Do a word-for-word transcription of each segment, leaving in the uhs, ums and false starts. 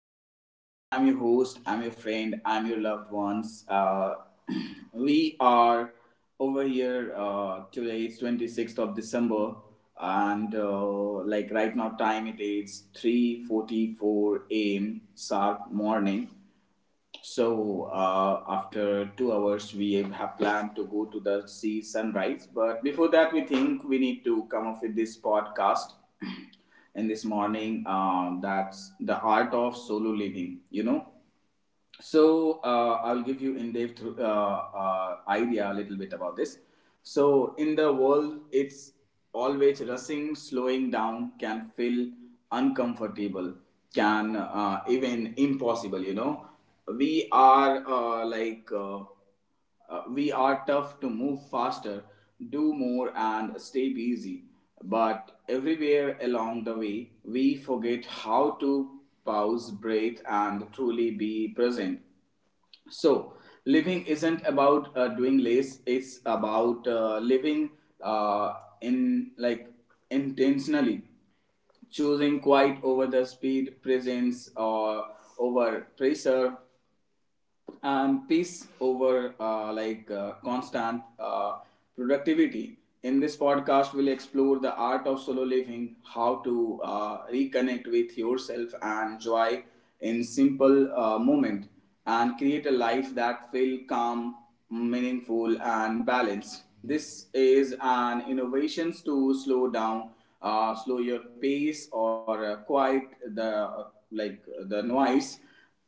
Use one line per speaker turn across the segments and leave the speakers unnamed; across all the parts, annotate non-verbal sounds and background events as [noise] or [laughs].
Dear listeners. I'm your host, I'm your friend, I'm your loved ones. Uh, [clears throat] we are over here uh, today. It's twenty-sixth of December, and uh, like right now, time it is three forty-four a m sharp morning. So uh, after two hours, we have planned to go to the sea sunrise. But before that, we think we need to come up with this podcast. [clears throat] And this morning. Uh, that's the art of solo living. You know, so uh, I'll give you in-depth uh, uh, idea a little bit about this. So in the world, it's always rushing, slowing down can feel uncomfortable, can uh, even impossible. You know, we are uh, like. Uh, uh, we are tough to move faster, do more, and stay busy. But everywhere along the way, we forget how to pause, breathe, and truly be present. So, living isn't about uh, doing less, it's about uh, living uh, in, like, intentionally choosing quiet over the speed, presence or over pressure, and peace over uh, like uh, constant uh, productivity. In this podcast, we'll explore the art of solo living, how to uh, reconnect with yourself and joy in simple uh, moment, and create a life that feels calm, meaningful, and balanced. This is an innovations to slow down, uh, slow your pace, or uh, quiet the uh, like the noise,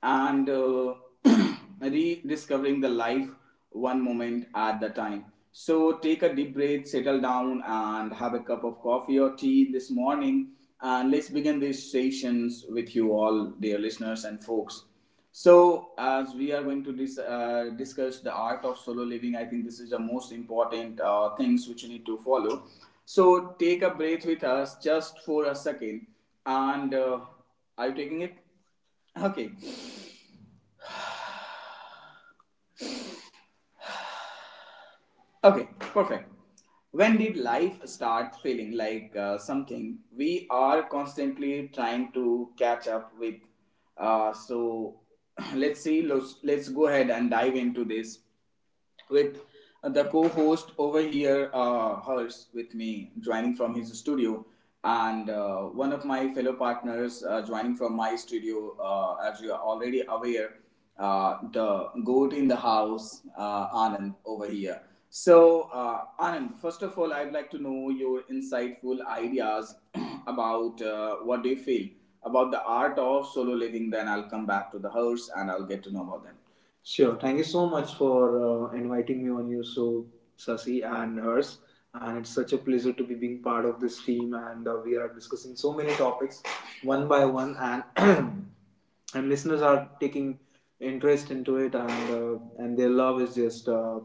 and uh, [clears throat] rediscovering the life one moment at the time. So take a deep breath, settle down, and have a cup of coffee or tea this morning. And let's begin these sessions with you all, dear listeners and folks. So, as we are going to dis- uh, discuss the art of solo living, I think this is the most important uh, things which you need to follow. So, take a breath with us just for a second. And uh, Are you taking it? Okay, okay, perfect. When did life start feeling like uh, something we are constantly trying to catch up with? Uh, so [clears throat] let's see, let's, let's go ahead and dive into this with the co-host over here, uh, Hers, with me, joining from his studio, and uh, one of my fellow partners uh, joining from my studio. Uh, as you are already aware, uh, the goat in the house, uh, Anand, over here. So, uh, Anand, first of all, I'd like to know your insightful ideas. [clears throat] About uh, what do you feel about the art of solo living. Then I'll come back to the Hers and I'll get to know about them. Sure. Thank you so much for uh, inviting me on your show, Sasi and Hers. And it's such a pleasure to be being part of this team. And uh, we are discussing so many topics one by one, and [clears throat] and listeners are taking interest into it, and uh, and their love is just. Uh,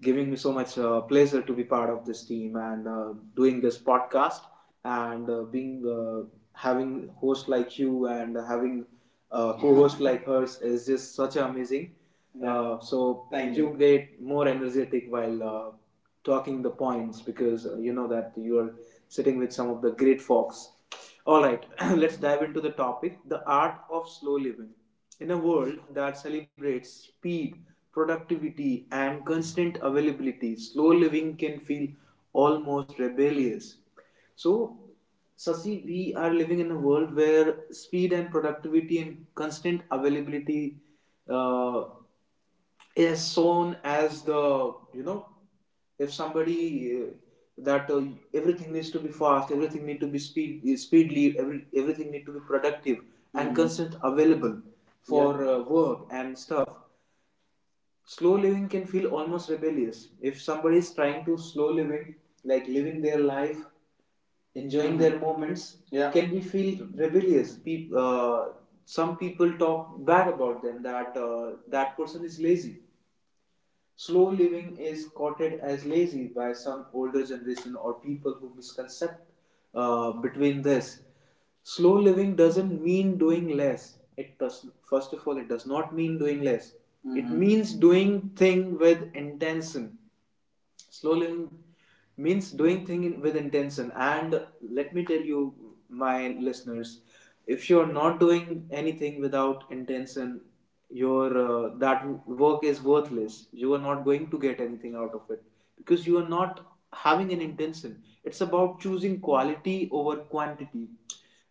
giving me so much uh, pleasure to be part of this team and uh, doing this podcast and uh, being uh, having host like you and having uh, co-host, yeah. [laughs] Like Hers is just such amazing. Yeah. Uh, so thank you. You get more energetic while uh, talking the points because uh, you know that you are sitting with some of the great folks. All right, [clears throat] let's dive into the topic, the art of slow living. In a world that celebrates speed, productivity, and constant availability, slow living can feel almost rebellious. So, Sasi, we are living in a world where speed and productivity and constant availability uh, is shown as the, you know, if somebody uh, that uh, everything needs to be fast, everything need to be speed speedily, every, everything need to be productive and, mhm, constant available for, yeah, uh, work and stuff. Slow living can feel almost rebellious if somebody is trying to slow living like living their life enjoying their moments, yeah, can we feel rebellious. Peop uh, Some people talk bad about them that uh, that person is lazy. Slow living is courted as lazy by some older generation or people who misconcept uh, between this. Slow living doesn't mean doing less. It does, first of all, it does not mean doing less. Mm-hmm. It, mhm, means doing thing with intention. Slow living means doing thing with intention. And let me tell you, my listeners, if you're not doing anything without intention, your uh, that work is worthless. You are not going to get anything out of it because you are not having an intention. It's about choosing quality over quantity.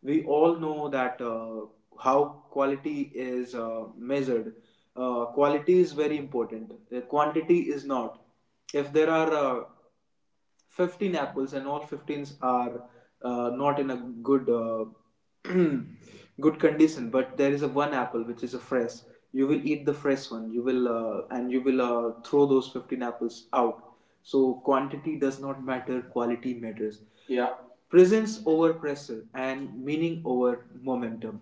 We all know that uh, how quality is uh, measured. Uh, quality is very important. Uh, quantity is not. If there are uh, fifteen apples and all fifteens are uh, not in a good uh, [clears throat] good condition, but there is a one apple which is a fresh, you will eat the fresh one, you will uh, and you will uh, throw those fifteen apples out. So quantity does not matter, quality matters. Yeah. Presence over pressure and meaning over momentum.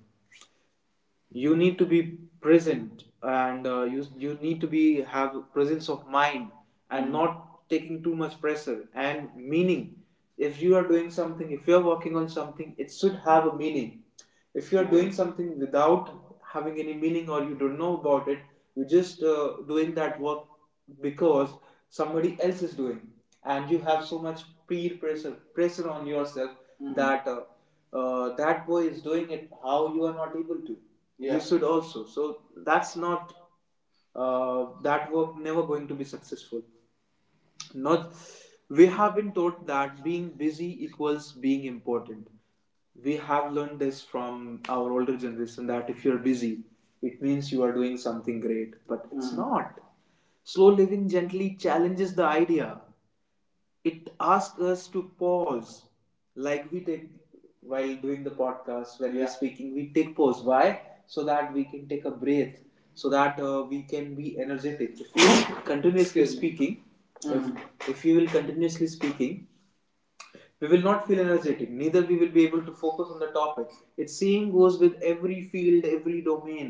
You need to be present and uh, you, you need to be have presence of mind and, mm-hmm, not taking too much pressure and meaning. If you are doing something, if you are working on something, it should have a meaning. If you are doing something without having any meaning, or you don't know about it, you're just uh, doing that work because somebody else is doing and you have so much peer pressure pressure on yourself, mhm, that uh, uh, that boy is doing it, how you are not able to, yeah, you should also. So that's not uh, that work never going to be successful. Not, we have been taught that being busy equals being important. We have learned this from our older generation that if you're busy, it means you are doing something great. But it's, mhm, not. Slow living gently challenges the idea. It asks us to pause like we did while doing the podcast when, yeah, we're, yeah, speaking. We take pause, why? So that we can take a breath, so that uh, we can be energetic. If you [coughs] continuously. Excuse me. Speaking, mm-hmm, if, if you will continuously speaking, we will not feel energetic, neither we will be able to focus on the topic. It same goes with every field, every domain.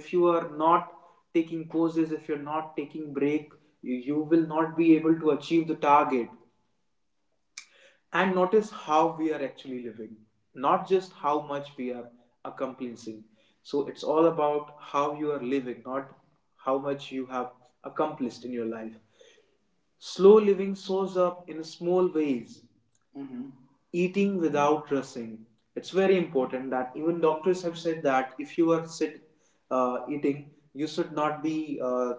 If you are not taking pauses, if you're not taking break, you, you will not be able to achieve the target and notice how we are actually living, not just how much we are accomplishing. So it's all about how you are living, not how much you have accomplished in your life. Slow living shows up in small ways, eating without dressing. It's very important that even doctors have said that if you are sit uh, eating, you should not be uh,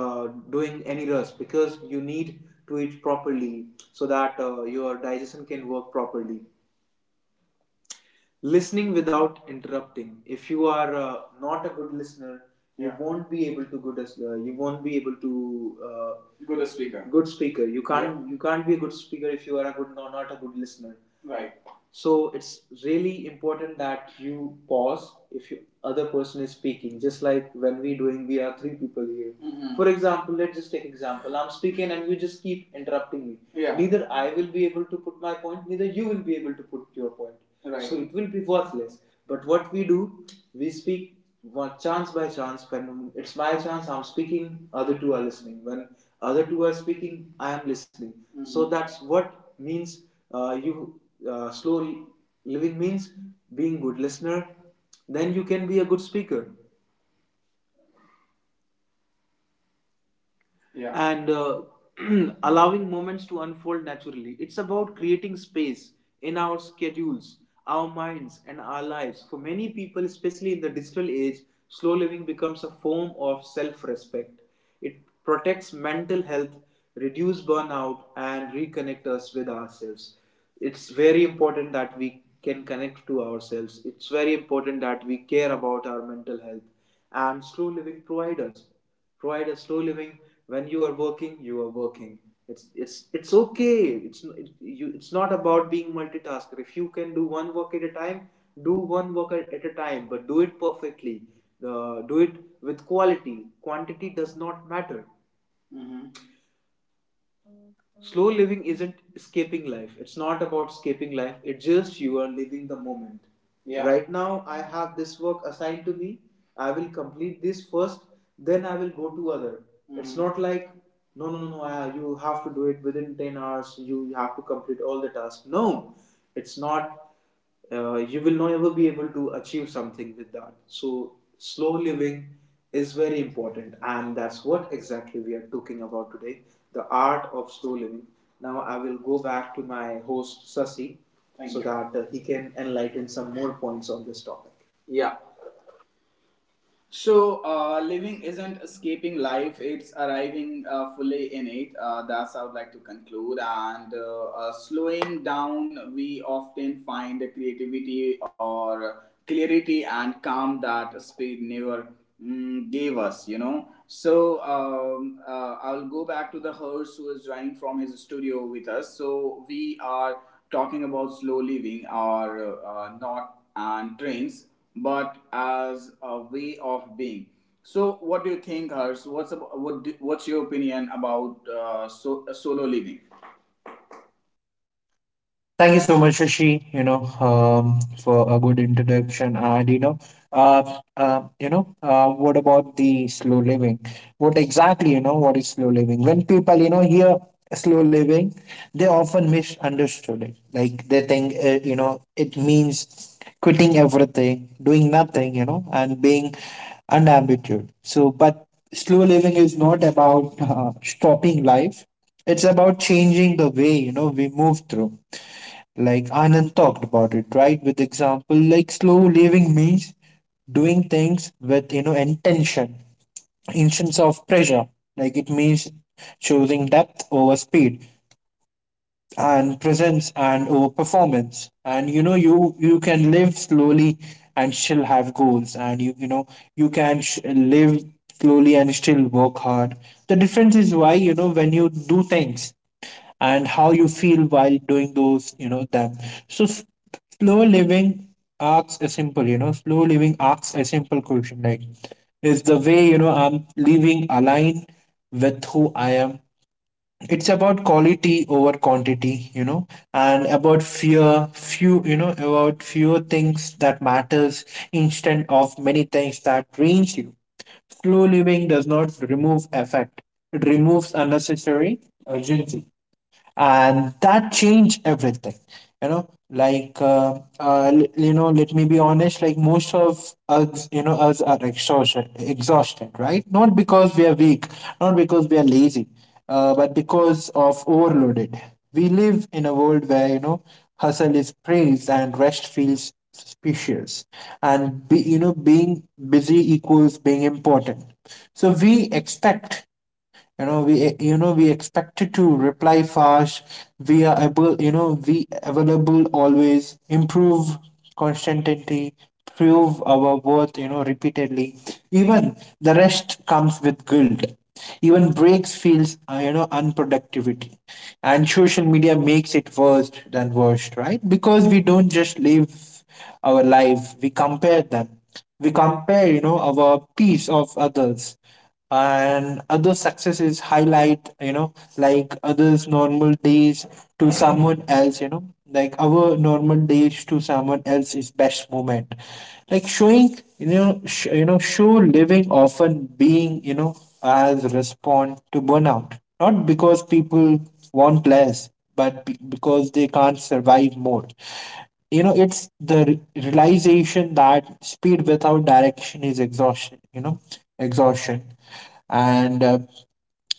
uh, doing any rest, because you need to eat properly so that uh, your digestion can work properly. Listening without interrupting, if you are uh, not a good listener, you, yeah, won't be able to good as, uh, you won't be able to uh, good speaker. Good speaker, you can't, yeah, you can't be a good speaker if you are a good, no, not a good listener, right? So it's really important that you pause if you other person is speaking. Just like when we doing, we are three people here, mhm, for example, let's just take example. I'm speaking and you just keep interrupting me, yeah, neither I will be able to put my point, neither you will be able to put your point. Right. So it will be worthless. But what we do, we speak one chance by chance. When it's my chance, I'm speaking, other two are listening. When other two are speaking, I am listening. Mm-hmm. So that's what means uh, you uh, slow living means being good listener, then you can be a good speaker. Yeah. And uh, [clears throat] allowing moments to unfold naturally. It's about creating space in our schedules, our minds, and our lives. For many people, especially in the digital age, slow living becomes a form of self respect. It protects mental health, reduces burnout, and reconnect us with ourselves. It's very important that we can connect to ourselves. It's very important that we care about our mental health. And slow living provides us. Provide a slow living. When you are working, you are working. It's it's it's okay. It's it, you. It's not about being multitasker. If you can do one work at a time, do one work at at a time, but do it perfectly. Uh, do it with quality. Quantity does not matter. Mm-hmm. Slow living isn't escaping life, it's not about escaping life, it's just you are living the moment, yeah, right now. I have this work assigned to me, I will complete this first, then I will go to other. Mm. it's Mhm. Not like, no, no, no, no, uh, you have to do it within ten hours, you have to complete all the tasks. No, it's not. Uh, you will not ever be able to achieve something with that. So, slow living is very important, and that's what exactly we are talking about today, the art of slow living. Now, I will go back to my host, Sasi, so you. That uh, he can enlighten some more points on this topic. Yeah. So, uh, living isn't escaping life, it's arriving uh, fully in it. Uh, that's how I'd like to conclude. And uh, uh, slowing down, we often find the creativity or clarity and calm that speed never mm, gave us, you know. So, um, uh, I'll go back to the horse who is joining from his studio with us. So, we are talking about slow living or uh, not and trains but as a way of being. So, what do you think, Harsh? What's about what do, what's your opinion about uh, so, uh, solo living?
Thank you so much, Shashi, you know, um, for a good introduction. And, you know, uh, uh, you know, uh, what about the slow living? What exactly, you know, what is slow living? When people, you know, hear slow living, they often misunderstood it. Like they think, uh, you know, it means quitting everything, doing nothing, you know, and being unambitious. So, but slow living is not about uh, stopping life. It's about changing the way, you know, we move through. Like Anand talked about it, right? With example, like slow living means doing things with you know intention, instance of pressure. Like it means choosing depth over speed and presence and over performance. And you know you you can live slowly and still have goals. And you you know you can sh- live slowly and still work hard. The difference is why, you know when you do things and how you feel while doing those you know them. So s- slow living asks a simple you know slow living asks a simple question, like, is the way, you know I'm living aligned with who I am? It's about quality over quantity, you know and about fewer few you know about fewer things that matters instead of many things that drains you. Slow living does not remove effect. It removes unnecessary urgency, and that changed everything. you know like uh, uh, l- you know let me be honest. Like, most of us, you know us are exhausted, exhausted, right? Not because we are weak, not because we are lazy, uh, but because of overloaded. We live in a world where, you know hustle is praised, and rest feels suspicious, and be, you know being busy equals being important. So we expect you know we you know we expected to reply fast. We are able you know we available always, improve constantly, prove our worth, you know repeatedly. Even the rest comes with guilt. Even breaks feels uh, you know unproductivity, and social media makes it worse than worst. Right, because we don't just live our life, we compare them. We compare, you know our piece of others and other successes highlight, you know like others normal days to someone else, you know like our normal days to someone else is best moment. Like showing you know sh- you know show living often being, you know as respond to burnout, not because people want less, but be- because they can't survive more. You know it's the re- realization that speed without direction is exhaustion you know exhaustion. And uh,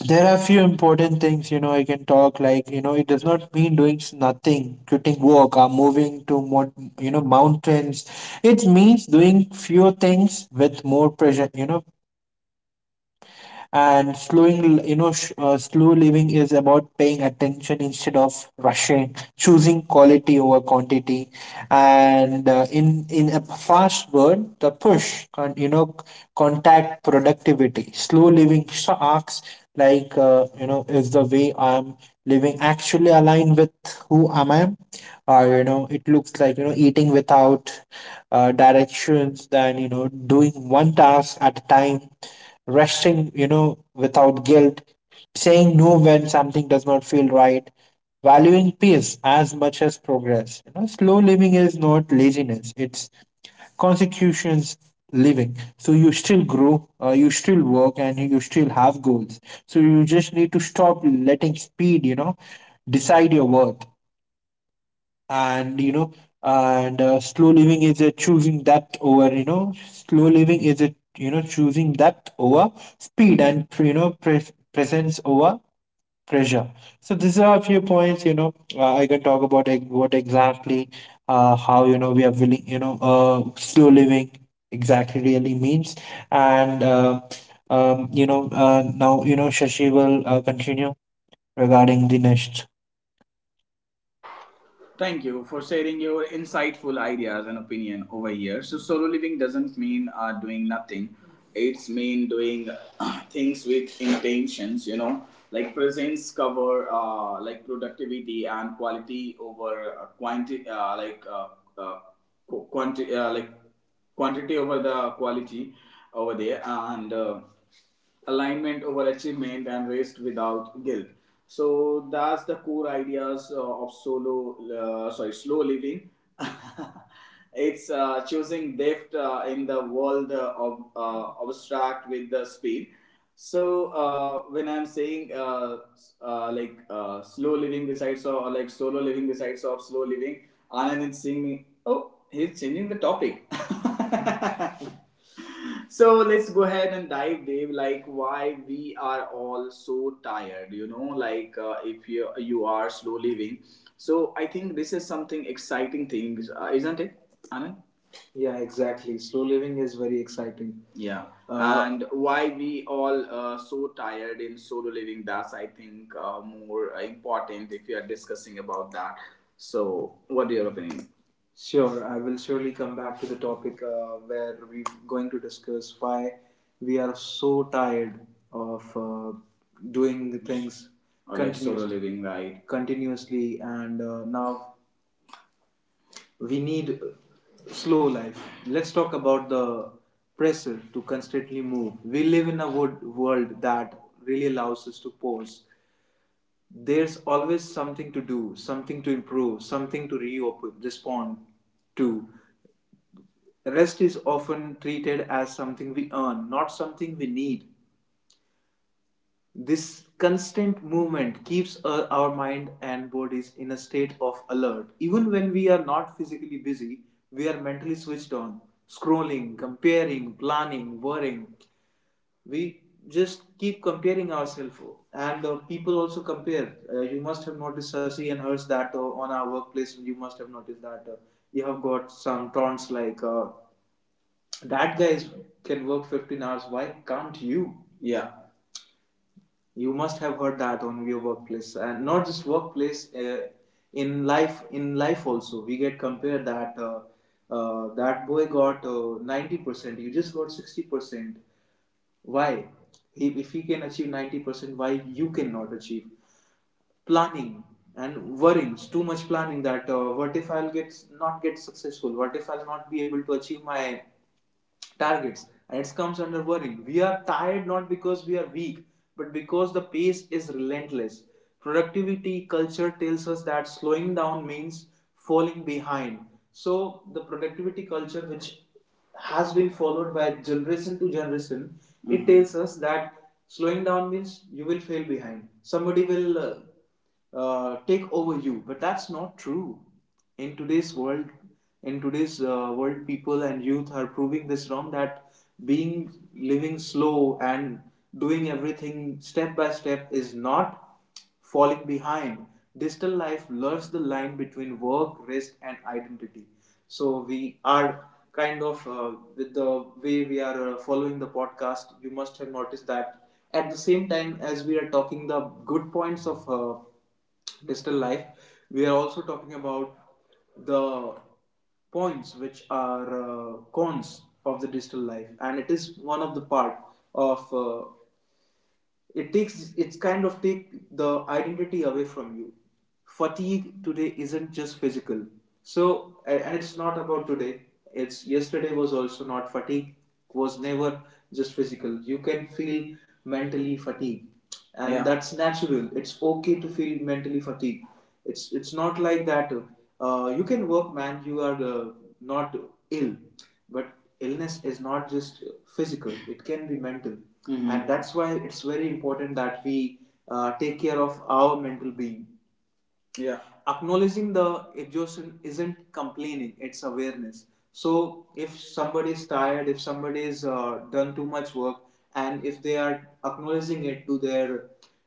there are a few important things, you know I can talk, like, you know it does not mean doing s- nothing, quitting work, or moving to more, you know mountains. It means doing fewer things with more pressure, you know and slowing you know sh- uh, slow living is about paying attention instead of rushing, choosing quality over quantity. And uh, in in a fast world, the push con- you know contact productivity, slow living sh- asks, like, uh, you know is the way I'm living actually aligned with who am I? Or, you know it looks like, you know eating without uh, directions, than, you know doing one task at a time, resting, you know, without guilt, saying no when something does not feel right, valuing peace as much as progress. You know, slow living is not laziness; it's consecutions living. So you still grow, uh, you still work, and you still have goals. So you just need to stop letting speed, you know, decide your worth, and you know and uh, slow living is a choosing depth over you know slow living is a you know choosing depth over speed and, you know pre- presence over pressure. So these are a few points, you know uh, I can talk about ex- what exactly, uh, how, you know we are willing, you know uh, slow living exactly really means. And uh, um, you know uh, now, you know Shashi will uh, continue regarding the next.
Thank you for sharing your insightful ideas and opinion over here. So, solo living doesn't mean uh, doing nothing. It's mean doing [coughs] [clears throat] things with intentions, you know, like presence cover uh, like productivity and quality over uh, quantity, uh, like uh, uh, quantity uh, like quantity over the quality over there, and uh, alignment over achievement and rest without guilt. So that's the core ideas uh, of solo uh, sorry slow living. [laughs] It's uh, choosing depth uh, in the world uh, of uh, abstract with the speed. So uh, when I'm saying uh, s- uh, like uh, slow living besides or like solo living besides of slow living, Anand is seeing me. Oh, he's changing the topic. [laughs] So let's go ahead and dive dave like why we are all so tired, you know, like uh, if you, you are slow living. So I think this is something exciting thing, uh, isn't it, Anand? Yeah, exactly. Slow living is very exciting. Yeah. Uh, and why we all uh, so tired in solo living, that's, I think, uh, more uh, important if you are discussing about that. So what do your opinion? Sure, I will surely come back to the topic uh, where we're going to discuss why we are so tired of uh, doing the things. Or like solo continuously. Living, right? Continuously, and uh, now we need slow life. Let's talk about the pressure to constantly move. We live in a wood world that really allows us to pause. There's always something to do, something to improve, something to reopen, respond to. The rest is often treated as something we earn, not something we need. This constant movement keeps uh, our mind and bodies in a state of alert. Even when we are not physically busy, we are mentally switched on, scrolling, comparing, planning, worrying. We just keep comparing ourselves, and uh, people also compare. Uh, you must have noticed, Sasi and Hers, that uh, on our workplace, you must have noticed that uh, you have got some taunts like. Uh, that guy is, can work fifteen hours. Why can't you? Yeah. You must have heard that on your workplace, and not just workplace. Uh, in life, in life also, we get compared that uh, uh, that boy got uh, ninety percent. You just got sixty percent. Why? He, if he can achieve ninety percent, why you cannot achieve? Planning and worryings, too much planning that uh, what if I'll get not get successful, what if I'll not be able to achieve my targets, and it comes under worrying. We are tired not because we are weak, but because the pace is relentless. Productivity culture tells us that slowing down means falling behind. So the productivity culture, which has been followed by generation to generation, mm-hmm, it tells us that slowing down means you will fall behind. Somebody will uh, uh, take over you, but that's not true. In today's world, in today's uh, world, people and youth are proving this wrong, that being living slow and doing everything step by step is not falling behind. Digital life blurs the line between work, rest, and identity. So we are kind of uh, with the way we are uh, following the podcast. You must have noticed that at the same time as we are talking the good points of uh, digital life, we are also talking about the points which are uh, cons of the digital life, and it is one of the part of uh, it. takes, it's kind of take the identity away from you. Fatigue today isn't just physical, so, and it's not about today, it's yesterday was also not, fatigue was never just physical. You can feel mentally fatigued, and yeah, that's natural. It's okay to feel mentally fatigued. It's it's not like that uh, you can work, man, you are uh, not ill, but illness is not just physical, it can be mental. Mhm. And that's why it's very important that we uh, take care of our mental being. Yeah, acknowledging the exhaustion isn't complaining, it's awareness. So if somebody is tired, if somebody is uh, done too much work, and if they are acknowledging it to their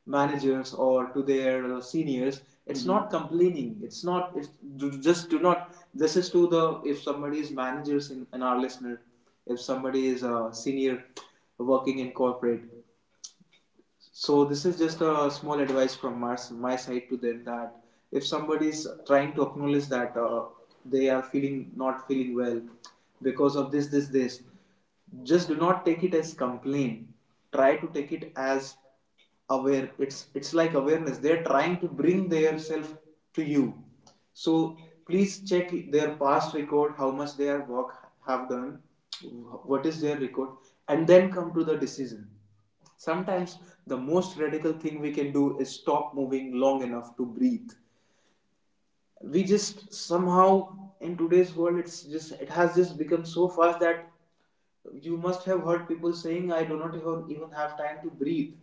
managers or to their uh, seniors, it's mhm, not complaining, it's not, it's d- just do not, this is to the, if somebody is managers in, in our listener, if somebody is a senior working in corporate, so this is just a small advice from my, my side to them that if somebody is trying to acknowledge that uh, they are feeling, not feeling well because of this, this, this, just do not take it as complaint, try to take it as aware, it's it's like awareness. They're trying to bring their self to you, so please check their past record, how much their work have done, what is their record, and then come to the decision. Sometimes the most radical thing we can do is stop moving long enough to breathe. We just somehow in today's world, it's just, it has just become so fast that you must have heard people saying, I do not even, even have time to breathe.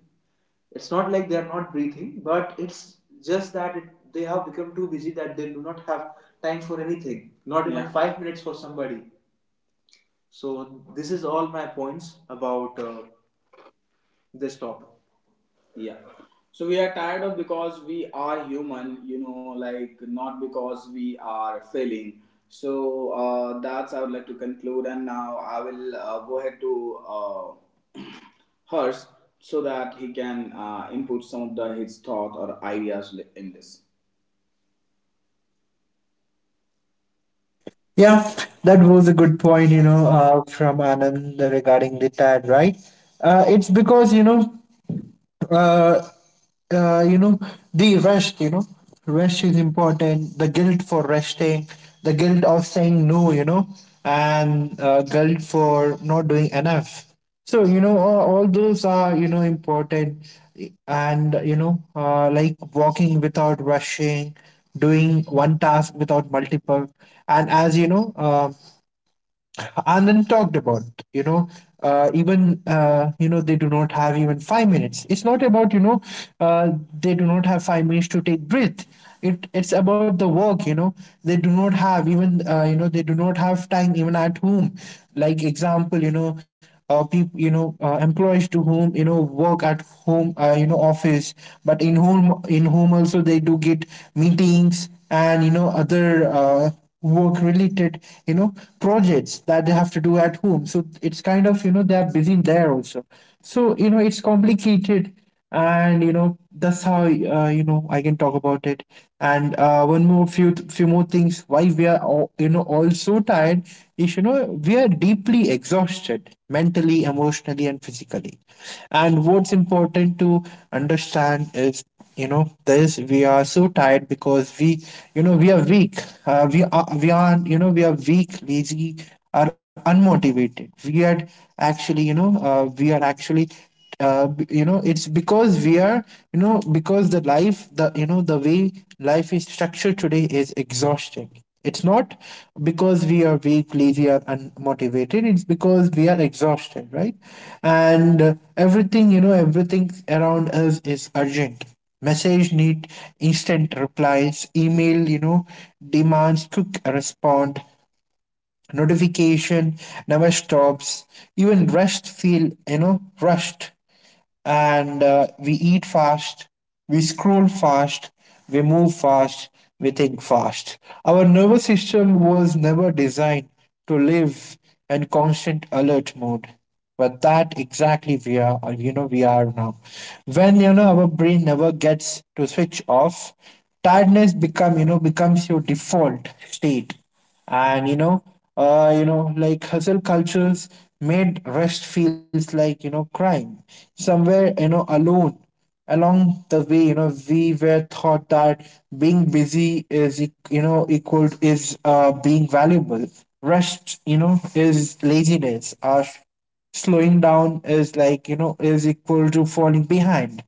It's not like they are not breathing, but it's just that it, they have become too busy that they do not have time for anything, not even yeah, five minutes for somebody. So this is all my points about uh, this topic. Yeah. So we are tired of because we are human, you know, like not because we are failing. So uh, that's I would like to conclude, and now I will uh, go ahead to uh, [clears throat] Hers, so that he can uh, input some of the his thought or ideas li- in this.
Yeah, that was a good point, you know, uh, from Anand regarding the T A D, right? Uh, it's because, you know, uh, uh, you know, the rest, you know, rest is important. The guilt for resting, the guilt of saying no, you know, and uh, guilt for not doing enough. So, you know, all, all those are, you know, important. And, you know, uh, like walking without rushing, doing one task without multiple. And as you know, um, Anand talked about. You know, uh, Even uh, you know they do not have even five minutes. It's not about, you know uh, they do not have five minutes to take breath. It it's about the work. You know, they do not have even uh, you know they do not have time even at home. Like example, you know. Uh, people, you know, uh, employees to whom, you know work at home, uh, you know, office, but in home, in home also they do get meetings, and, you know other uh, work related, you know projects that they have to do at home. So it's kind of, you know they're busy in there also, so, you know it's complicated, and, you know that's how, uh, you know I can talk about it. And uh, one more few few more things: why we are all, you know all so tired is, you know we are deeply exhausted mentally, emotionally, and physically. And what's important to understand is, you know this: we are so tired because, we you know we are weak, uh, we are we are you know we are weak, lazy, are unmotivated. We are actually you know uh, we are actually uh, b- you know it's because we are, you know because the life the you know the way life is structured today is exhausting. It's not because we are weak, lazy, or unmotivated. It's because we are exhausted, right? And uh, everything you know everything around us is urgent. Message need instant replies. Email, you know, demands quick respond. Notification never stops. Even rest feel, you know, rushed. And uh, we eat fast, we scroll fast, we move fast, we think fast. Our nervous system was never designed to live in constant alert mode. But that exactly we are, uh, you know, we are now. When, you know our brain never gets to switch off, tiredness become, you know, becomes your default state. And, you know uh, you know like, hustle cultures made rest feels like, you know crime somewhere, you know alone, along the way, you know we were taught that being busy is e- you know equal is, uh, being valuable. Rest, you know is laziness or slowing down is like, you know is equal to falling behind.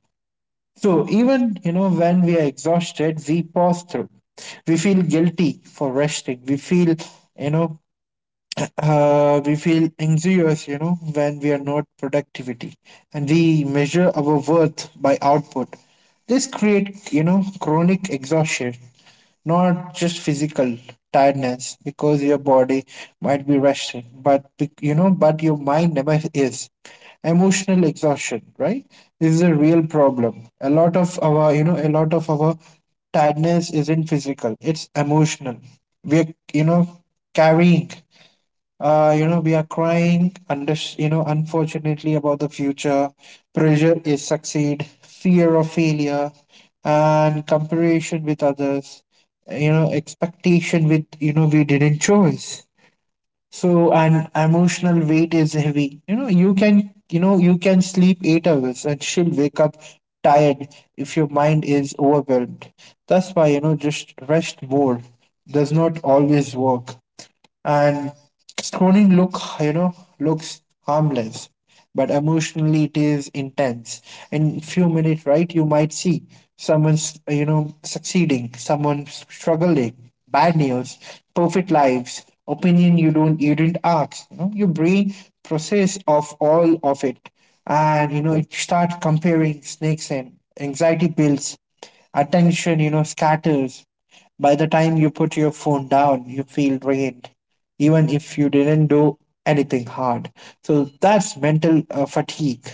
So even, you know when we are exhausted, we pause through. We feel guilty for resting. We feel you know uh, we feel anxious, you know, when we are not productivity, and we measure our worth by output. This create, you know, chronic exhaustion, not just physical tiredness, because your body might be resting, but, be- you know, but your mind never is. Emotional exhaustion, right? This is a real problem. A lot of our, you know, a lot of our tiredness isn't physical; it's emotional. We're, you know, carrying uh, you know, we are crying, under, you know, unfortunately about the future. Pressure is succeed, fear of failure, and comparison with others. You know, expectation with, you know we didn't choose. So and emotional weight is heavy. You know, you can you know you can sleep eight hours and she'll wake up tired if your mind is overwhelmed. That's why, you know just rest more does not always work, and scrolling look you know looks harmless but emotionally it is intense in few minutes, right? You might see someone's, you know succeeding, someone struggling, bad news, perfect lives, opinion you don't you didn't ask, you know your brain process of all of it, and, you know it starts comparing snakes and anxiety builds attention, you know scatters. By the time you put your phone down, you feel drained even if you didn't do anything hard. So that's mental uh, fatigue,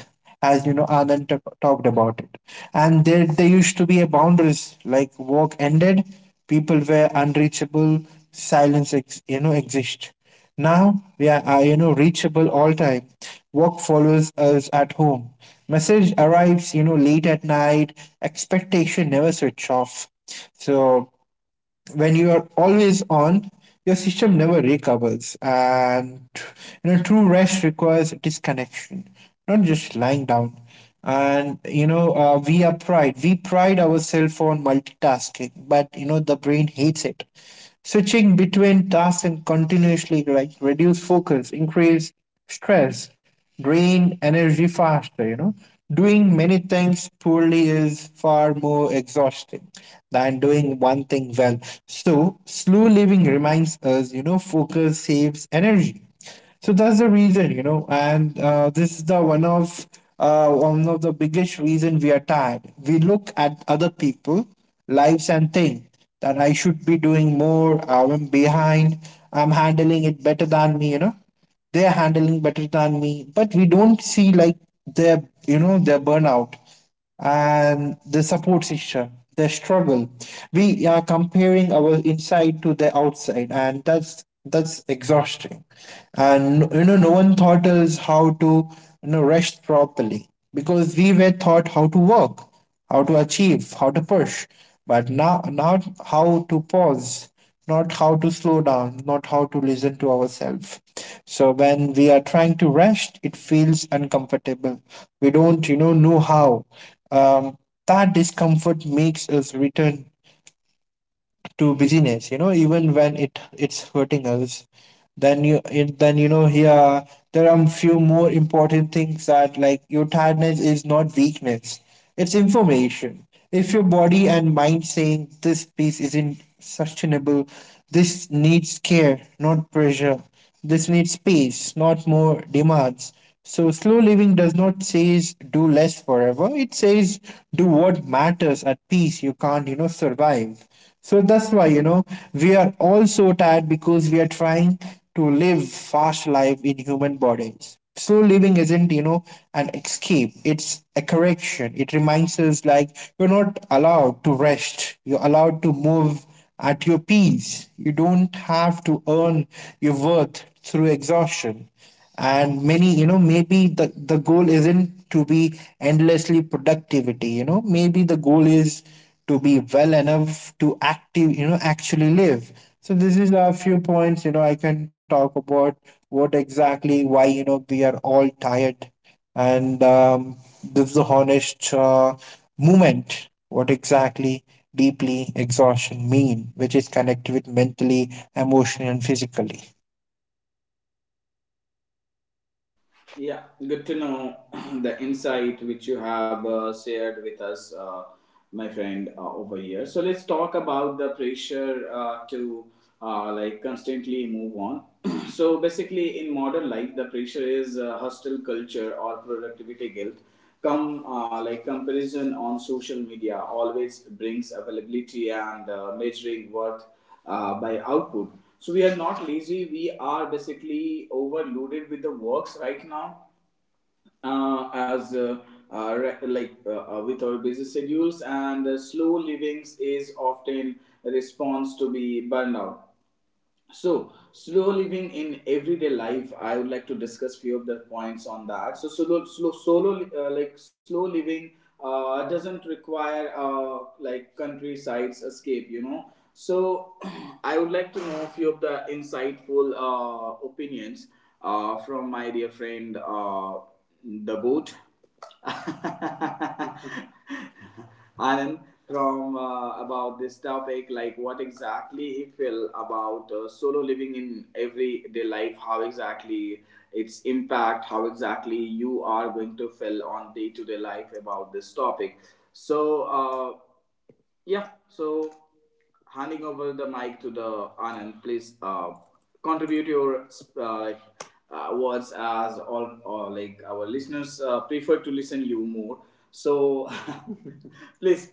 as you know, Anand t- talked about it. And there, there used to be a boundaries like work ended, people were unreachable, silence, ex- you know, exist. Now we are, uh, you know, reachable all time. Work follows us at home. Message arrives, you know, late at night. Expectation never switch off. So when you are always on, your system never recovers. And, you know, true rest requires disconnection, not just lying down. And, you know, uh, we are pride. We pride ourselves on multitasking, but, you know, the brain hates it. Switching between tasks and continuously like reduce focus, increase stress, drain energy faster, you know. Doing many things poorly is far more exhausting than doing one thing well. So, slow living reminds us, you know, focus saves energy. So that's the reason, you know, and uh, this is the one of uh, one of the biggest reason we are tired. We look at other people, lives, and think that I should be doing more. I'm behind. I'm handling it better than me, you know they're handling better than me, but we don't see like their you know their burnout and the support system, their struggle. We are comparing our inside to the outside, and that's that's exhausting. And you know no one taught us how to you know rest properly, because we were taught how to work, how to achieve, how to push, but now not how to pause, not how to slow down, not how to listen to ourselves. So when we are trying to rest, it feels uncomfortable. We don't, you know, know how. Um, that discomfort makes us return to busyness, you know even when it it's hurting us. Then you it, then you know here there are few more important things that like your tiredness is not weakness, it's information. If your body and mind saying this piece isn't sustainable, this needs care not pressure, this needs space not more demands. So slow living does not says do less forever, it says do what matters at peace. You can't you know survive. So that's why, you know, we are all so tired, because we are trying to live fast life in human bodies. Slow living isn't, you know, an escape. It's a correction. It reminds us like you're not allowed to rest. You're allowed to move at your peace. You don't have to earn your worth through exhaustion. And many, you know maybe the the goal isn't to be endlessly productivity, you know maybe the goal is to be well enough to active, you know actually live. So this is a few points, you know I can talk about what exactly why you know we are all tired. And um, this is a honest uh, movement what exactly deeply exhaustion mean, which is connected with mentally, emotionally and physically.
Yeah, good to know [clears throat] the insight which you have uh, shared with us, uh, my friend, uh, over here. So let's talk about the pressure uh, to uh, like constantly move on. [clears throat] So basically, in modern life, the pressure is uh, hostile culture or productivity guilt. Come uh, like comparison on social media always brings availability and uh, measuring worth uh, by output. So we are not lazy. We are basically overloaded with the works right now, uh, as uh, uh, re- like uh, uh, with our busy schedules, and uh, slow livings is often a response to be burnout. So, slow living in everyday life, I would like to discuss few of the points on that. So, solo, slow, solo, uh, like slow living uh, doesn't require uh, like countryside's escape, you know. So, [clears throat] I would like to know few of the insightful uh, opinions uh, from my dear friend, uh, the goat. [laughs] [laughs] Anand, from uh, about this topic, like what exactly he feel about uh, solo living in everyday life, how exactly its impact, how exactly you are going to feel on day to day life about this topic. So, Uh, yeah, so handing over the mic to the Anand, please uh, contribute your uh, like uh, words, as all or like our listeners uh, prefer to listen you more. So [laughs] please.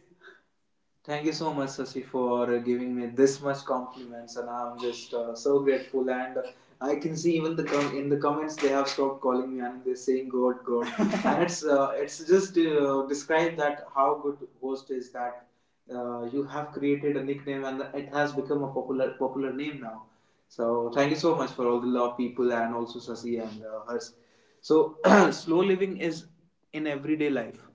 Thank you so much, Sasi, for giving me this much compliments, and I'm just uh, so grateful. And I can see even the com- in the comments they have stopped calling me and they're saying God, God, [laughs] and it's uh, it's just uh, describe that how good host is that uh, you have created a nickname and it has become a popular popular name now. So thank you so much for all the love, people, and also Sasi and uh, Hers. So [clears throat] slow living is in everyday life.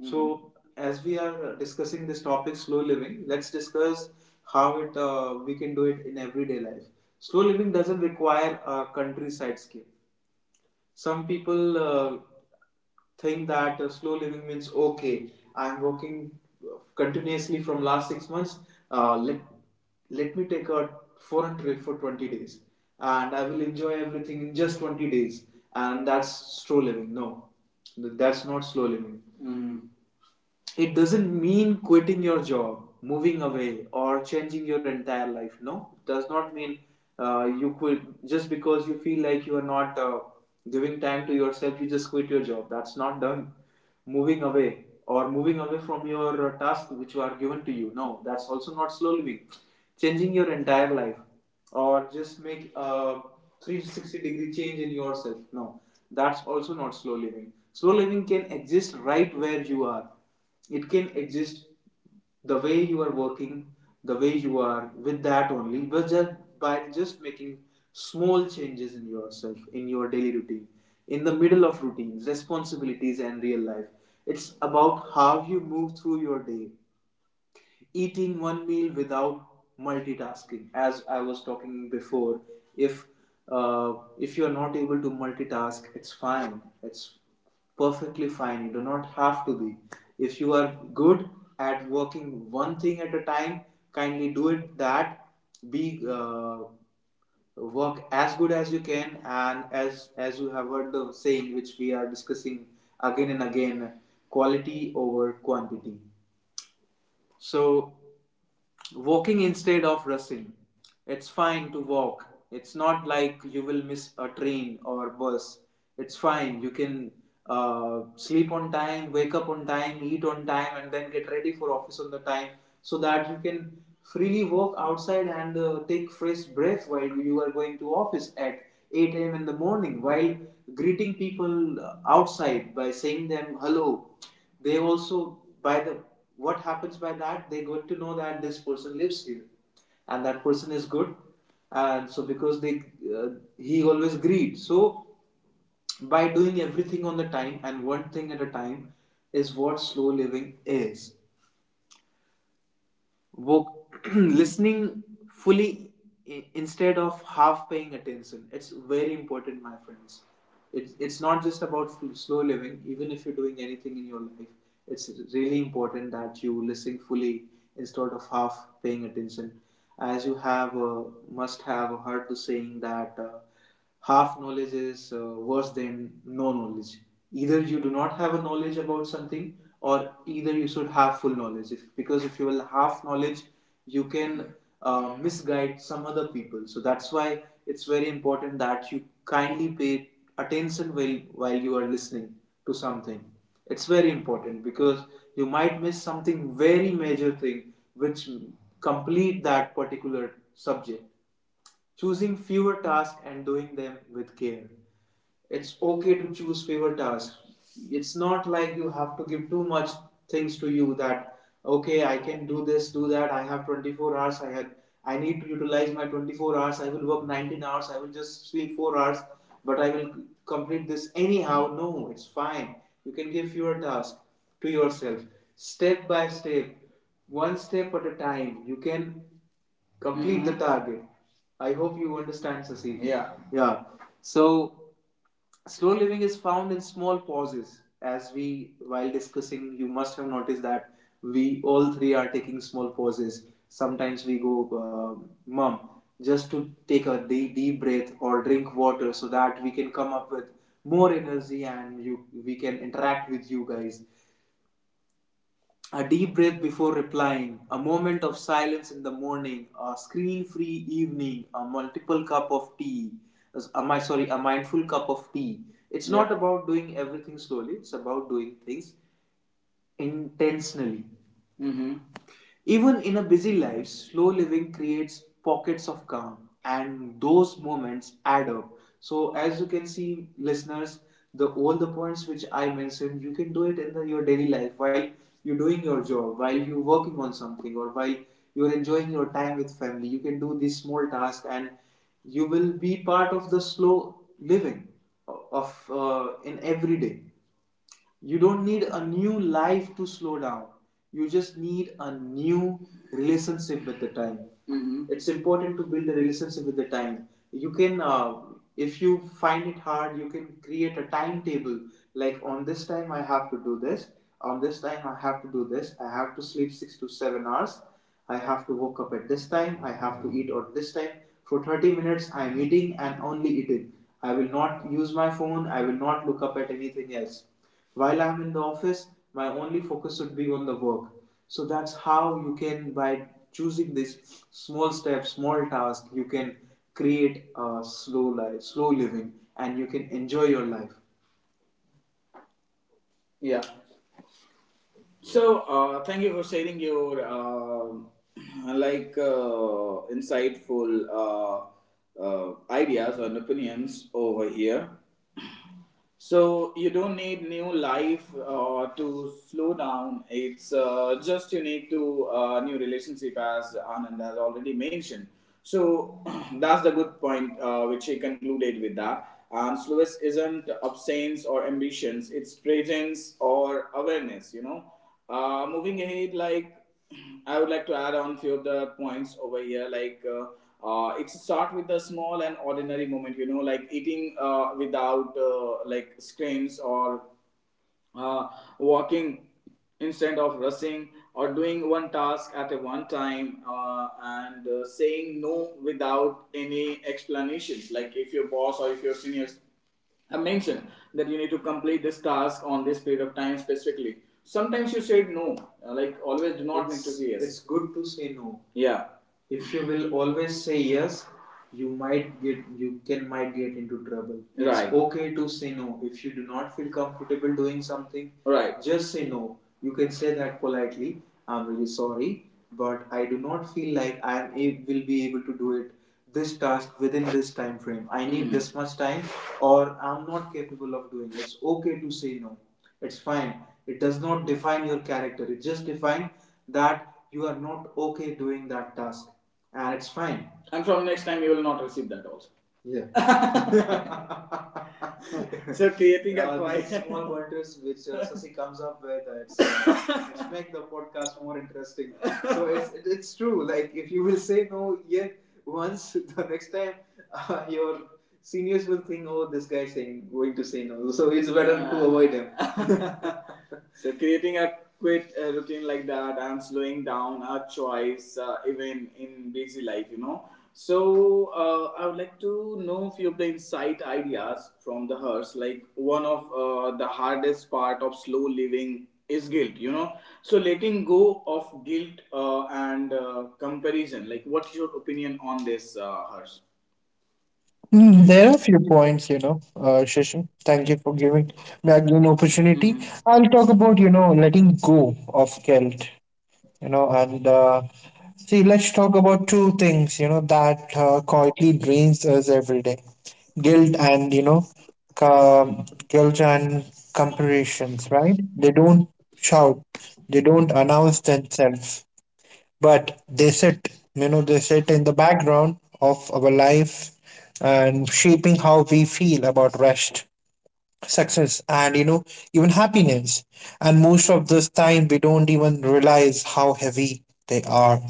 Mm-hmm. So, as we are discussing this topic, slow living, let's discuss how it uh, we can do it in everyday life. Slow living doesn't require a countryside scape. Some people uh, think that uh, slow living means okay, I'm working continuously from last six months. Uh, let let me take a foreign trip for twenty days, and I will enjoy everything in just twenty days, and that's slow living. No, that's not slow living. Mm it doesn't mean quitting your job, moving away, or changing your entire life. No, it does not mean uh, you quit just because you feel like you are not uh, giving time to yourself. You just quit your job, that's not done. Moving away or moving away from your uh, task which were given to you, no, that's also not slow living. Changing your entire life or just make a three hundred sixty degree change in yourself. No, that's also not slow living. Slow living can exist right where you are. It can exist the way you are working, the way you are, with that only, but just by just making small changes in yourself, in your daily routine, in the middle of routines, responsibilities, and real life. It's about how you move through your day, eating one meal without multitasking. As I was talking before, if uh, if you're not able to multitask, it's fine, it's perfectly fine. You do not have to be. If you are good at working one thing at a time, kindly do it. That be uh, work as good as you can, and as as you have heard the saying which we are discussing again and again, quality over quantity. So walking instead of rushing. It's fine to walk. It's not like you will miss a train or bus. It's fine. You can uh, sleep on time, wake up on time, eat on time, and then get ready for office on the time so that you can freely walk outside and uh, take fresh breath while you are going to office at eight a m in the morning, while greeting people uh, outside by saying them hello. They also, by the, what happens by that, they got to know that this person lives here and that person is good, and so because they uh, he always greed. So by doing everything on the time and one thing at a time is what slow living is. wo- [clears throat] Listening fully i- instead of half paying attention. It's very important, my friends. it's, it's not just about f- slow living, even if you're doing anything in your life, it's really important that you listen fully instead of half paying attention. As you have uh, must have heard the saying that uh, half knowledge is uh, worse than no knowledge. Either you do not have a knowledge about something, or either you should have full knowledge. If, because if you will have knowledge, you can uh, misguide some other people. So that's why it's very important that you kindly pay attention while while you are listening to something. It's very important because you might miss something very major thing which complete that particular subject. Choosing fewer tasks and doing them with care. It's okay to choose favorite tasks. It's not like you have to give too much things to you that okay, I can do this, do that. I have twenty-four hours. I had I need to utilize my twenty-four hours. I will work nineteen hours. I will just sleep four hours, but I will complete this anyhow. No, it's fine. You can give fewer tasks to yourself, step by step, one step at a time. You can complete, mm-hmm. the Mhm. target. I hope you understand, Sasi. Yeah. Yeah. So slow living is found in small pauses. As we while discussing, you must have noticed that we all three are taking small pauses. Sometimes we go um mom just to take a deep, deep breath or drink water so that we can come up with more energy and you we can interact with you guys. A deep breath before replying, a moment of silence in the morning, a screen free evening, a multiple cup of tea, am I sorry, a mindful cup of tea. It's Yeah. not Yeah. about doing everything slowly, it's about doing things intentionally. Mm-hmm. Even in a busy life, slow living creates pockets of calm, and those moments add up. So, as you can see, listeners, the all the points which I mentioned, you can do it in the, your daily life while you're doing your job, while you're working on something, or while you're enjoying your time with family. You can do these small tasks, and you will be part of the slow living of uh, in every day. You don't need a new life to slow down. You just need a new relationship with the time. Mhm. It's important to build a relationship with the time. You can, uh, if you find it hard, you can create a timetable. Like on this time I have to do this. On this time I have to do this. I have to sleep six to seven hours. I have to wake up at this time, I have to eat at this time. For thirty minutes, I am eating and only eating. I will not use my phone, I will not look up at anything else. While I am in the office, my only focus should be on the work. So that's how you can, by choosing these small steps, small tasks, you can create a slow life, slow living, and you can enjoy your life. Yeah. So, uh, thank you for sharing your uh, [clears throat] like uh, insightful uh, uh, ideas and opinions over here. So you don't need new life uh, to slow down. It's uh, just you need to uh, new relationship, as Anand has already mentioned. So [clears throat] that's the good point uh, which he concluded with that. And slowest isn't absence or ambitions; it's presence or awareness. You know, uh, moving ahead, like I would like to add on few of the points over here. Like uh, uh, it's start with the small and ordinary moment. You know, like eating uh, without uh, like screens, or uh, walking instead of rushing, or doing one task at a one time uh, and uh, saying no without any explanations. Like if your boss or if your seniors have mentioned that you need to complete this task on this period of time specifically, sometimes you said no. Uh, like always do not, it's, need to say yes. It's good to say no. Yeah, if you will always say yes, you might get you can might get into trouble. Right. It's Right. okay to say no if you do not feel comfortable doing something. Right. Just say no. You can say that politely, I'm really sorry, but I do not feel like I am a- will be able to do it this task within this time frame. I need Mm. this much time, or I'm not capable of doing it. It's okay to say no, it's fine. It does not define your character, it just defines that you are not okay doing that task and it's fine. And from next time, you will not receive that also. Yeah. [laughs] [laughs] So creating a uh, point, small pointers which uh, Sasi comes up with, uh, it's, uh, [laughs] it's make the podcast more interesting. So it's, it's true, like if you will say no yet once [laughs] the next time uh, your seniors will think, oh, this guy is saying going to say no, so it's better yeah. to avoid him. So creating a quit uh, routine like that, and slowing down our choice uh, even in busy life, you know. So uh, I would like to know few of the insight ideas from the hers. Like one of uh, the hardest part of slow living is guilt, you know. So letting go of guilt uh, and uh, comparison. Like, what's your opinion on this, uh, hearse?
Mm, there are a few points, you know, uh, Shashank. Thank you for giving me again opportunity. I'll talk about, you know, letting go of guilt, you know and uh, see let's talk about two things, you know that uh, quietly drains us every day: guilt and you know um, guilt and comparisons, right? They don't shout, they don't announce themselves, but they sit, you know they sit in the background of our life and shaping how we feel about rest, success and, you know even happiness. And most of this time we don't even realize how heavy they are,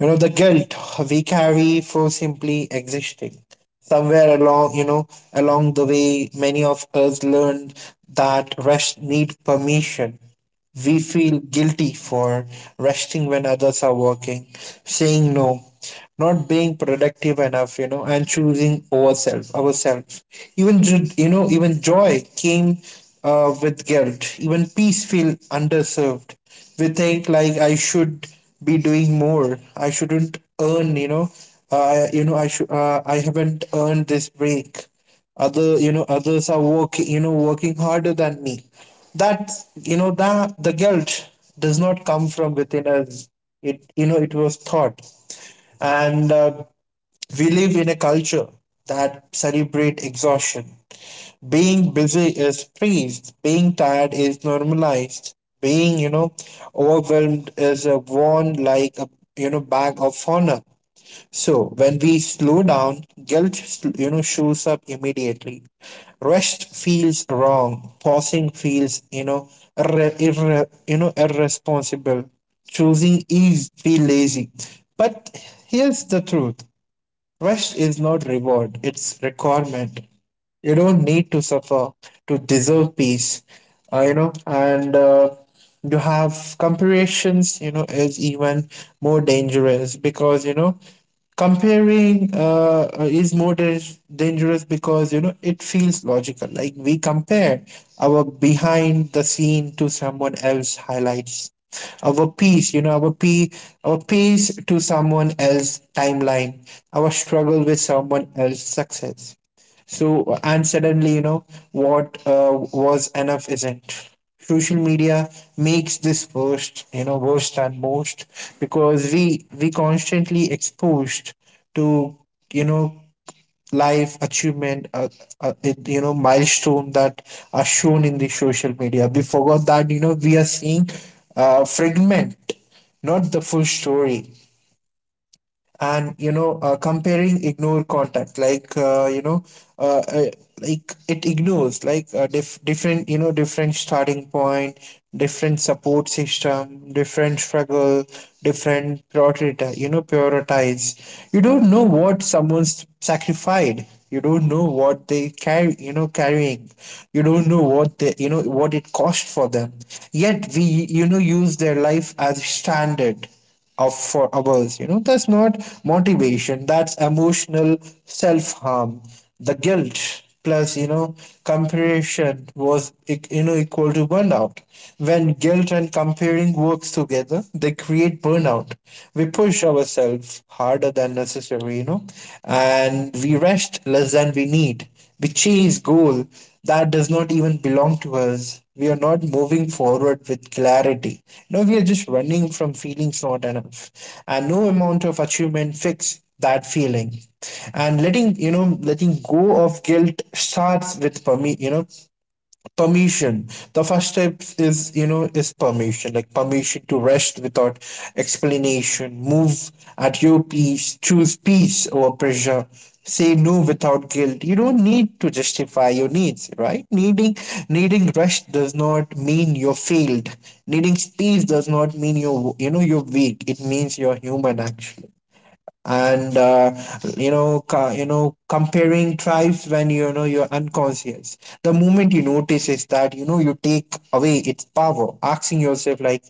you know the guilt we carry for simply existing. Somewhere along, you know along the way, many of us learned that rest need permission. We feel guilty for resting when others are working, saying no, not being productive enough, you know, and choosing ourselves, ourselves. Even ju- you know, even joy came uh, with guilt. Even peace feel underserved. We think like I should be doing more. I shouldn't earn, you know, uh, you know, I should, uh, I haven't earned this break, other, you know others are working, you know working harder than me. That, you know that the guilt does not come from within us, it you know it was thought. And uh, we live in a culture that celebrate exhaustion. Being busy is praised, being tired is normalized, being you know overwhelmed is uh, worn like a, you know bag of honor. So when we slow down, guilt, you know shows up immediately. Rest feels wrong. Pausing feels, you know irre, irre, you know irresponsible. Choosing ease feel lazy. But here's the truth: rest is not reward, it's requirement. You don't need to suffer to deserve peace, uh, you know, and uh, you have comparisons, you know, is even more dangerous because, you know, comparing uh, uh, is more dan- dangerous because, you know it feels logical, like we compare our behind the scene to someone else highlights, our peace, you know our pe our peace to someone else timeline, our struggle with someone else success. So, and suddenly, you know, what uh, was enough isn't. Social media makes this worst, you know, worse than most, because we we constantly exposed to, you know, life achievement, uh, uh, it- you know, milestone that are shown in the social media. We forgot that, you know, we are seeing uh, fragment, not the full story. And you know uh, comparing ignore contact like uh, you know uh, uh, like it ignores like uh, dif- different, you know different starting point, different support system, different struggle, different prioritize, you know prioritize. You don't know what someone's sacrificed, you don't know what they carry, you know carrying, you don't know what they, you know what it cost for them. Yet we, you know use their life as standard of for others, you know that's not motivation, that's emotional self-harm. The guilt plus, you know comparison was e- you know equal to burnout. When guilt and comparing works together, they create burnout. We push ourselves harder than necessary, you know and we rest less than we need, which is goal that does not even belong to us. We are not moving forward with clarity. No, we are just running from feelings not enough. And no amount of achievement fix that feeling. And letting, you know, letting go of guilt starts with permi you know, permission. The first step is you know is permission, like permission to rest without explanation, move at your peace, choose peace over pressure, say no without guilt. You don't need to justify your needs, right? Needing needing rest does not mean you're failed. Needing space does not mean you're you know you're weak, it means you're human actually. And uh, you know ca- you know comparing tribes when, you know you're unconscious. The moment you notice is that, you know you take away its power. Asking yourself like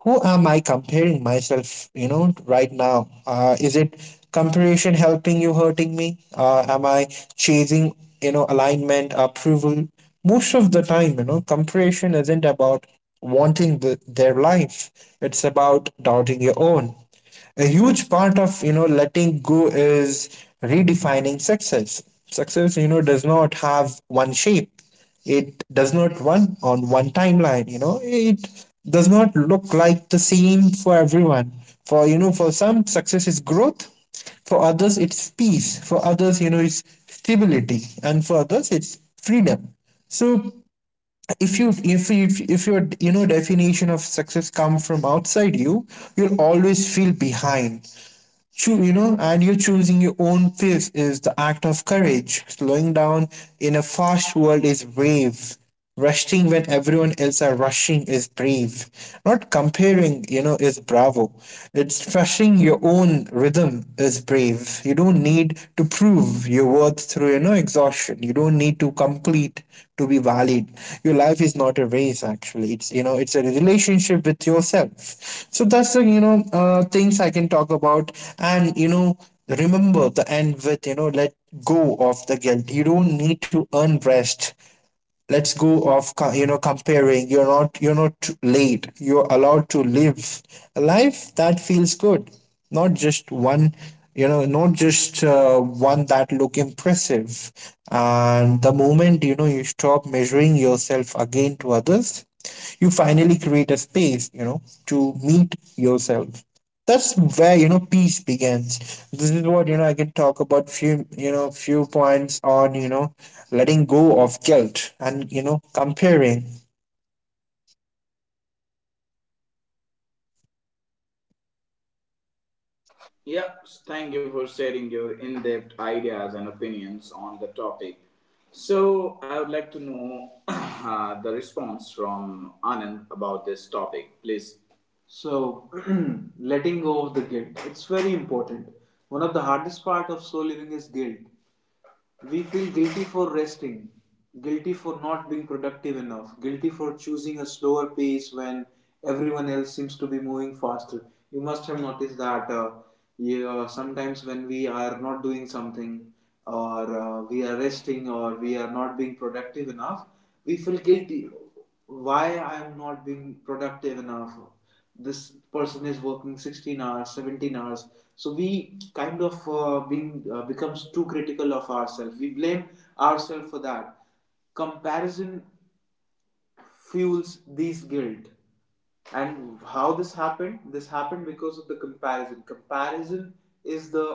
who am I comparing myself, you know right now? Uh, is it comparison helping you hurting me? Uh, am I chasing, you know alignment approval? Most of the time, you know comparison isn't about wanting the, their life, it's about doubting your own. A huge part of, you know letting go is redefining success success. You know does not have one shape. It does not run on one timeline, you know, it does not look like the same for everyone. For, you know, for some, success is growth. For others, it's peace. For others, you know, it's stability. And for others, it's freedom. So if you if you if your, you know definition of success come from outside, you you'll always feel behind. Choo- you know and you choosing your own pace is the act of courage. Slowing down in a fast world is brave. Resting when everyone else are rushing is brave. Not comparing, you know is bravo, it's trusting your own own rhythm is brave. You don't need to prove your worth through, you know, exhaustion. You don't need to complete to be valid. Your life is not a race, actually. It's, you know, it's a relationship with yourself. So that's the, you know, uh, things I can talk about. And, you know, remember the end with, you know, let go of the guilt. You don't need to earn rest. Let's go of co- you know comparing. You're not, you're not late. You're allowed to live a life that feels good, not just one, you know not just uh, one that look impressive. And the moment, you know you stop measuring yourself again to others, you finally create a space, you know to meet yourself. That's where, you know peace begins. This is what, you know I can talk about few, you know few points on, you know letting go of guilt and, you know comparing.
Yep, thank you for sharing your in depth ideas and opinions on the topic. So, I would like to know [clears throat] uh, the response from Anand about this topic, please. So, [clears throat] letting go of the guilt. It's very important. One of the hardest part of soul living is guilt. We feel guilty for resting, guilty for not being productive enough, guilty for choosing a slower pace when everyone else seems to be moving faster. You must have noticed that uh, yeah, sometimes when we are not doing something, or uh, we are resting, or we are not being productive enough, we feel guilty, why I'm not being productive enough. This person is working sixteen hours, seventeen hours. So we kind of uh, being uh, becomes too critical of ourselves. We blame ourselves for that. Comparison fuels this guilt. And how this happened this happened because of the comparison comparison is the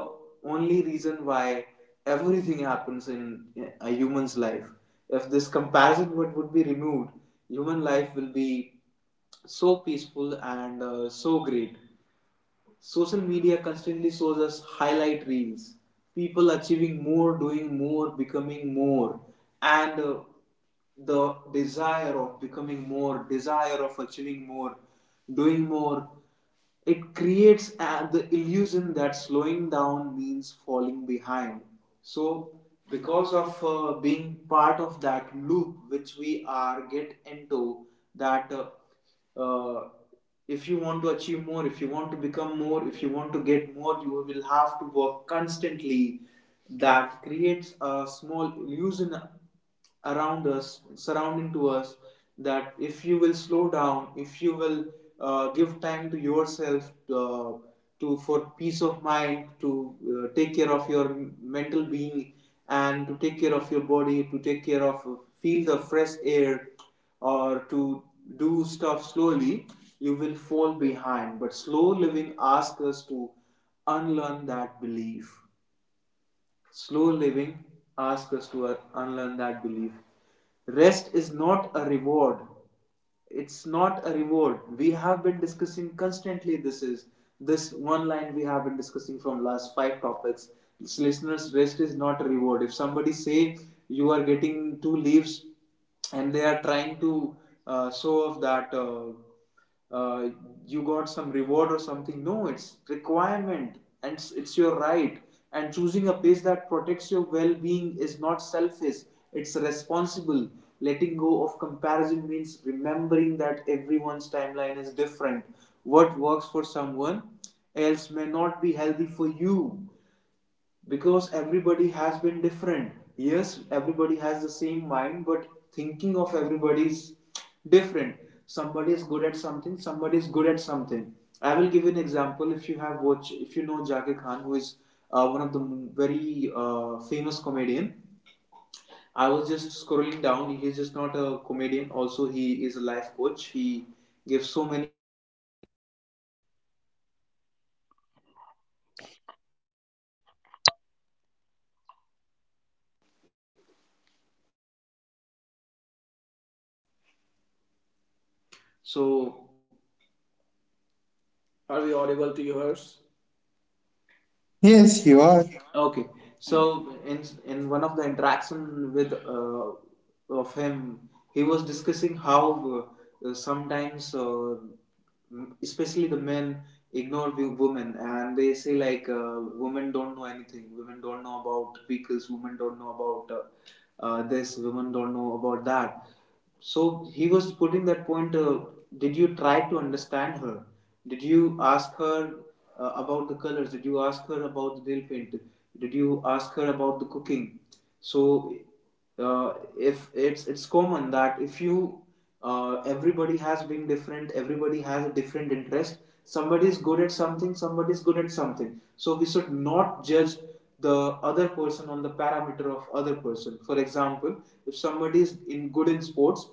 only reason why everything happens in a human's life. If this comparison would, would be removed, human life will be so peaceful and uh, so great. Social media constantly shows us highlight reels, people achieving more, doing more, becoming more, and uh, the desire of becoming more, desire of achieving more, doing more. It creates uh, the illusion that slowing down means falling behind. So because of uh, being part of that loop which we are get into that, uh, uh, if you want to achieve more, if you want to become more, if you want to get more, you will have to work constantly. That creates a small illusion around us, surrounding to us, that if you will slow down, if you will uh, give time to yourself, uh, to for peace of mind, to uh, take care of your mental being, and to take care of your body, to take care of uh, feel the fresh air, or to do stuff slowly, you will fall behind. But slow living asks us to unlearn that belief. Slow living asks us to uh, unlearn that belief. Rest is not a reward. It's not a reward. We have been discussing constantly, this is this one line we have been discussing from last five topics. It's listeners, rest is not a reward. If somebody say you are getting two leaves, and they are trying to uh, show off that uh, uh, you got some reward or something. No, it's requirement, and it's, it's your right. And choosing a pace that protects your well being is not selfish, it's responsible. Letting go of comparison means remembering that everyone's timeline is different. What works for someone else may not be healthy for you, because everybody has been different. Yes, everybody has the same mind, but thinking of everybody is different. Somebody is good at something, somebody is good at something. I will give you an example. If you have watch if you know Jackie Khan, who is uh, one of the very uh, famous comedian. I was just scrolling down. He is just not a comedian, also he is a life coach, he gives so many. So, are we audible to yours?
Yes, you are,
Okay. So, in one of the interaction with uh, of him, he was discussing how uh, sometimes, uh, especially the men, ignore the women, and they say like uh, women don't know anything, women don't know about vehicles, women don't know about uh, uh, this, women don't know about that. So he was putting that point. Uh, did you try to understand her? Did you ask her uh, about the colors? Did you ask her about the nail paint? Did you ask her about the cooking? So, uh, if it's it's common that if you uh, everybody has been different, everybody has a different interest. Somebody is good at something, somebody is good at something. So we should not judge the other person on the parameter of other person. For example, if somebody is in good in sports,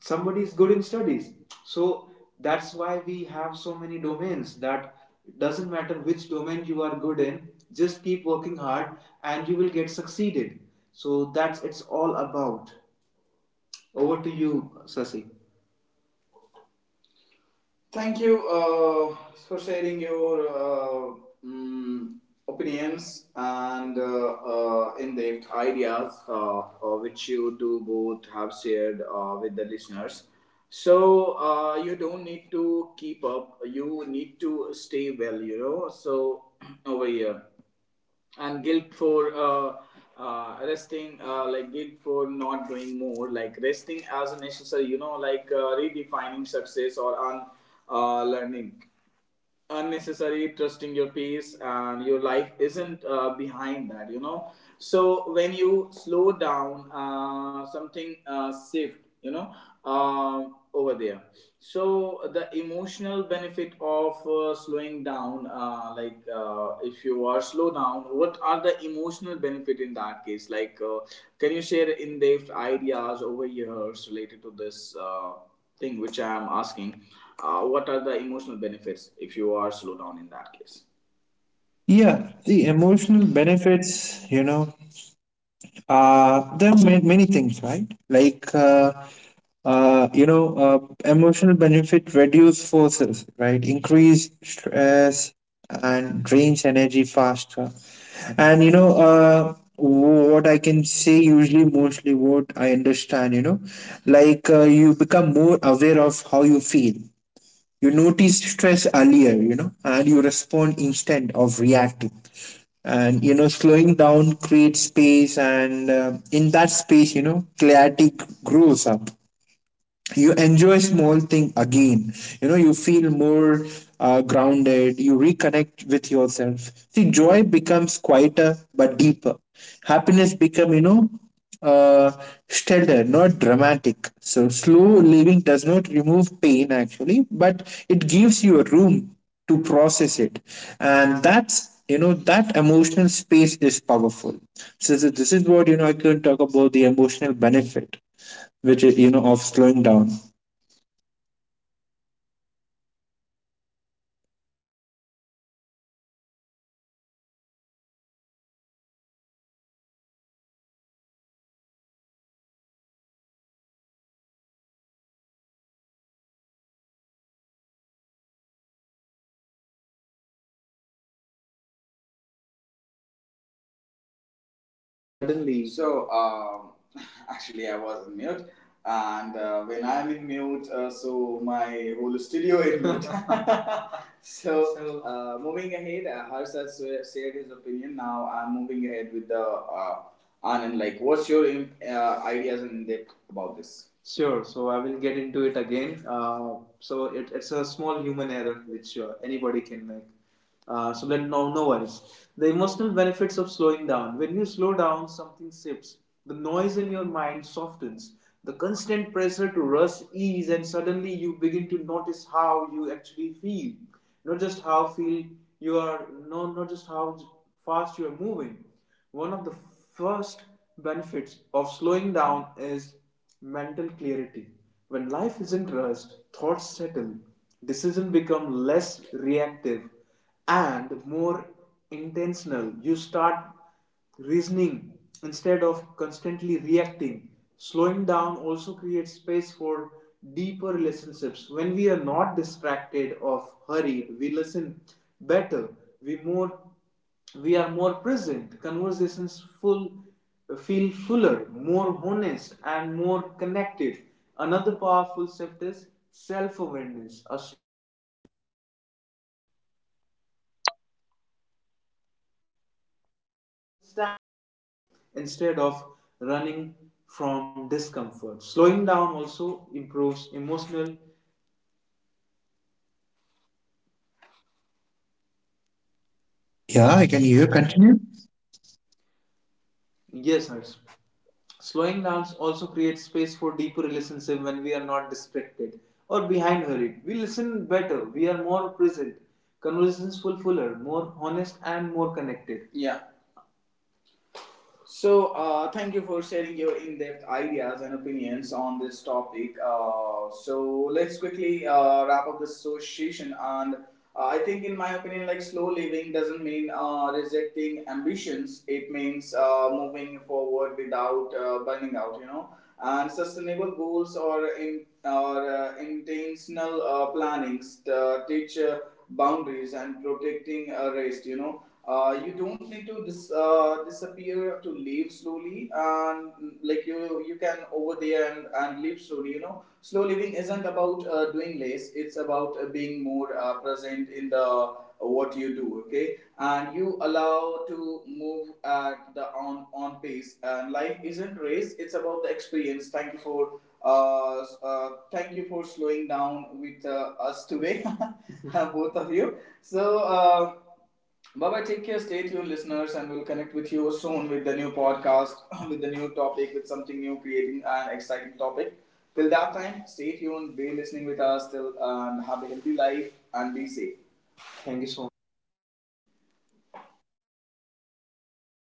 somebody is good in studies. So that's why we have so many domains, that it doesn't matter which domain you are good in, just keep working hard and you will get succeeded. So that's it's all about. Over to you, Sasi. Thank you uh, for sharing your uh, mm, opinions and uh, uh, in-depth ideas, uh, uh, which you do both have shared uh, with the listeners. So uh, you don't need to keep up. You need to stay well, you know. So [clears throat] over here, and guilt for uh, uh, resting, uh, like guilt for not doing more, like resting as a necessary, you know, like uh, redefining success or un, uh, learning unnecessary, trusting your pace, and your life isn't uh, behind that you know so when you slow down, uh, something uh, shift, you know um over there. So the emotional benefit of uh, slowing down, uh, like uh, if you are slow down, what are the emotional benefit in that case, like uh, can you share in-depth ideas over years related to this uh, thing which I am asking, uh, what are the emotional benefits if you are slow down in that case?
yeah. The emotional benefits, you know uh there are ma- many things, right? Like uh uh, you know, uh, emotional benefit reduce forces, right? Increase stress and drains energy faster. And, you know, uh, what I can say usually, mostly what I understand, you know, like uh, you become more aware of how you feel. You notice stress earlier, you know, and you respond instead of reacting. And, you know, slowing down creates space, and uh, in that space, you know, clarity grows up, you enjoy small thing again, you know you feel more uh, grounded, you reconnect with yourself. See, joy becomes quieter but deeper, happiness become, you know uh, steadier not dramatic. So slow living does not remove pain actually, but it gives you a room to process it, and that's, you know that emotional space is powerful. So this is this is what, you know I can talk about the emotional benefit, which is, you know of slowing down.
Suddenly. So, um, [laughs] actually, I was in mute. And uh, when I'm in mute, uh, so my whole studio in mute. [laughs] So, uh, moving ahead, uh, Harsh has shared his opinion. Now I'm moving ahead with the uh, Anand. Like, what's your uh, ideas and depth about this? Sure. So I will get into it again. Uh, so it, it's a small human error which uh, anybody can make. Uh, so let, no, no worries. The emotional benefits of slowing down. When you slow down, something shifts. The noise in your mind softens, the constant pressure to rush ease, and suddenly you begin to notice how you actually feel, not just how feel you are, no, not just how fast you are moving. One of the first benefits of slowing down is mental clarity. When life isn't rushed, thoughts settle, decisions become less reactive and more intentional. You start reasoning instead of constantly reacting. Slowing down also creates space for deeper relationships. When we are not distracted or hurried, we listen better, we more we are more present. Conversations full feel fuller, more honest, and more connected. Another powerful shift is self-awareness of running from discomfort. Slowing down also improves emotional.
Ja, ik ken die heel continu.
Yes, Harsh. Slowing down also creates space for deeper relationship. When we are not distracted or behind hurried, we listen better. We are more present. Conversations full, fuller, more honest, and more connected. Yeah. So, uh, thank you for sharing your in depth ideas and opinions on this topic. Uh, so, let's quickly uh, wrap up this association. And uh, I think, in my opinion, like slow living doesn't mean uh, rejecting ambitions, it means uh, moving forward without uh, burning out, you know, and sustainable goals or in or uh, intentional uh, plannings uh, teach uh, boundaries and protecting uh, rest, you know. Uh, you don't need to dis, uh, disappear to live slowly. And mm, like you you can over there and, and live slowly, you know. Slow living isn't about uh, doing less, it's about uh, being more uh, present in the what you do. Okay. And you allow to move at the on on pace, and life isn't race, it's about the experience. Thank you for uh, uh thank you for slowing down with uh, us today. [laughs] Both of you. So uh, bye bye, take care, stay tuned listeners, and we'll connect with you soon with the new podcast [coughs] [laughs] with the new topic, with something new, creating an exciting topic. Till that time, stay tuned, be listening with us till, and have a healthy life and be safe. Thank you so much.
Ja,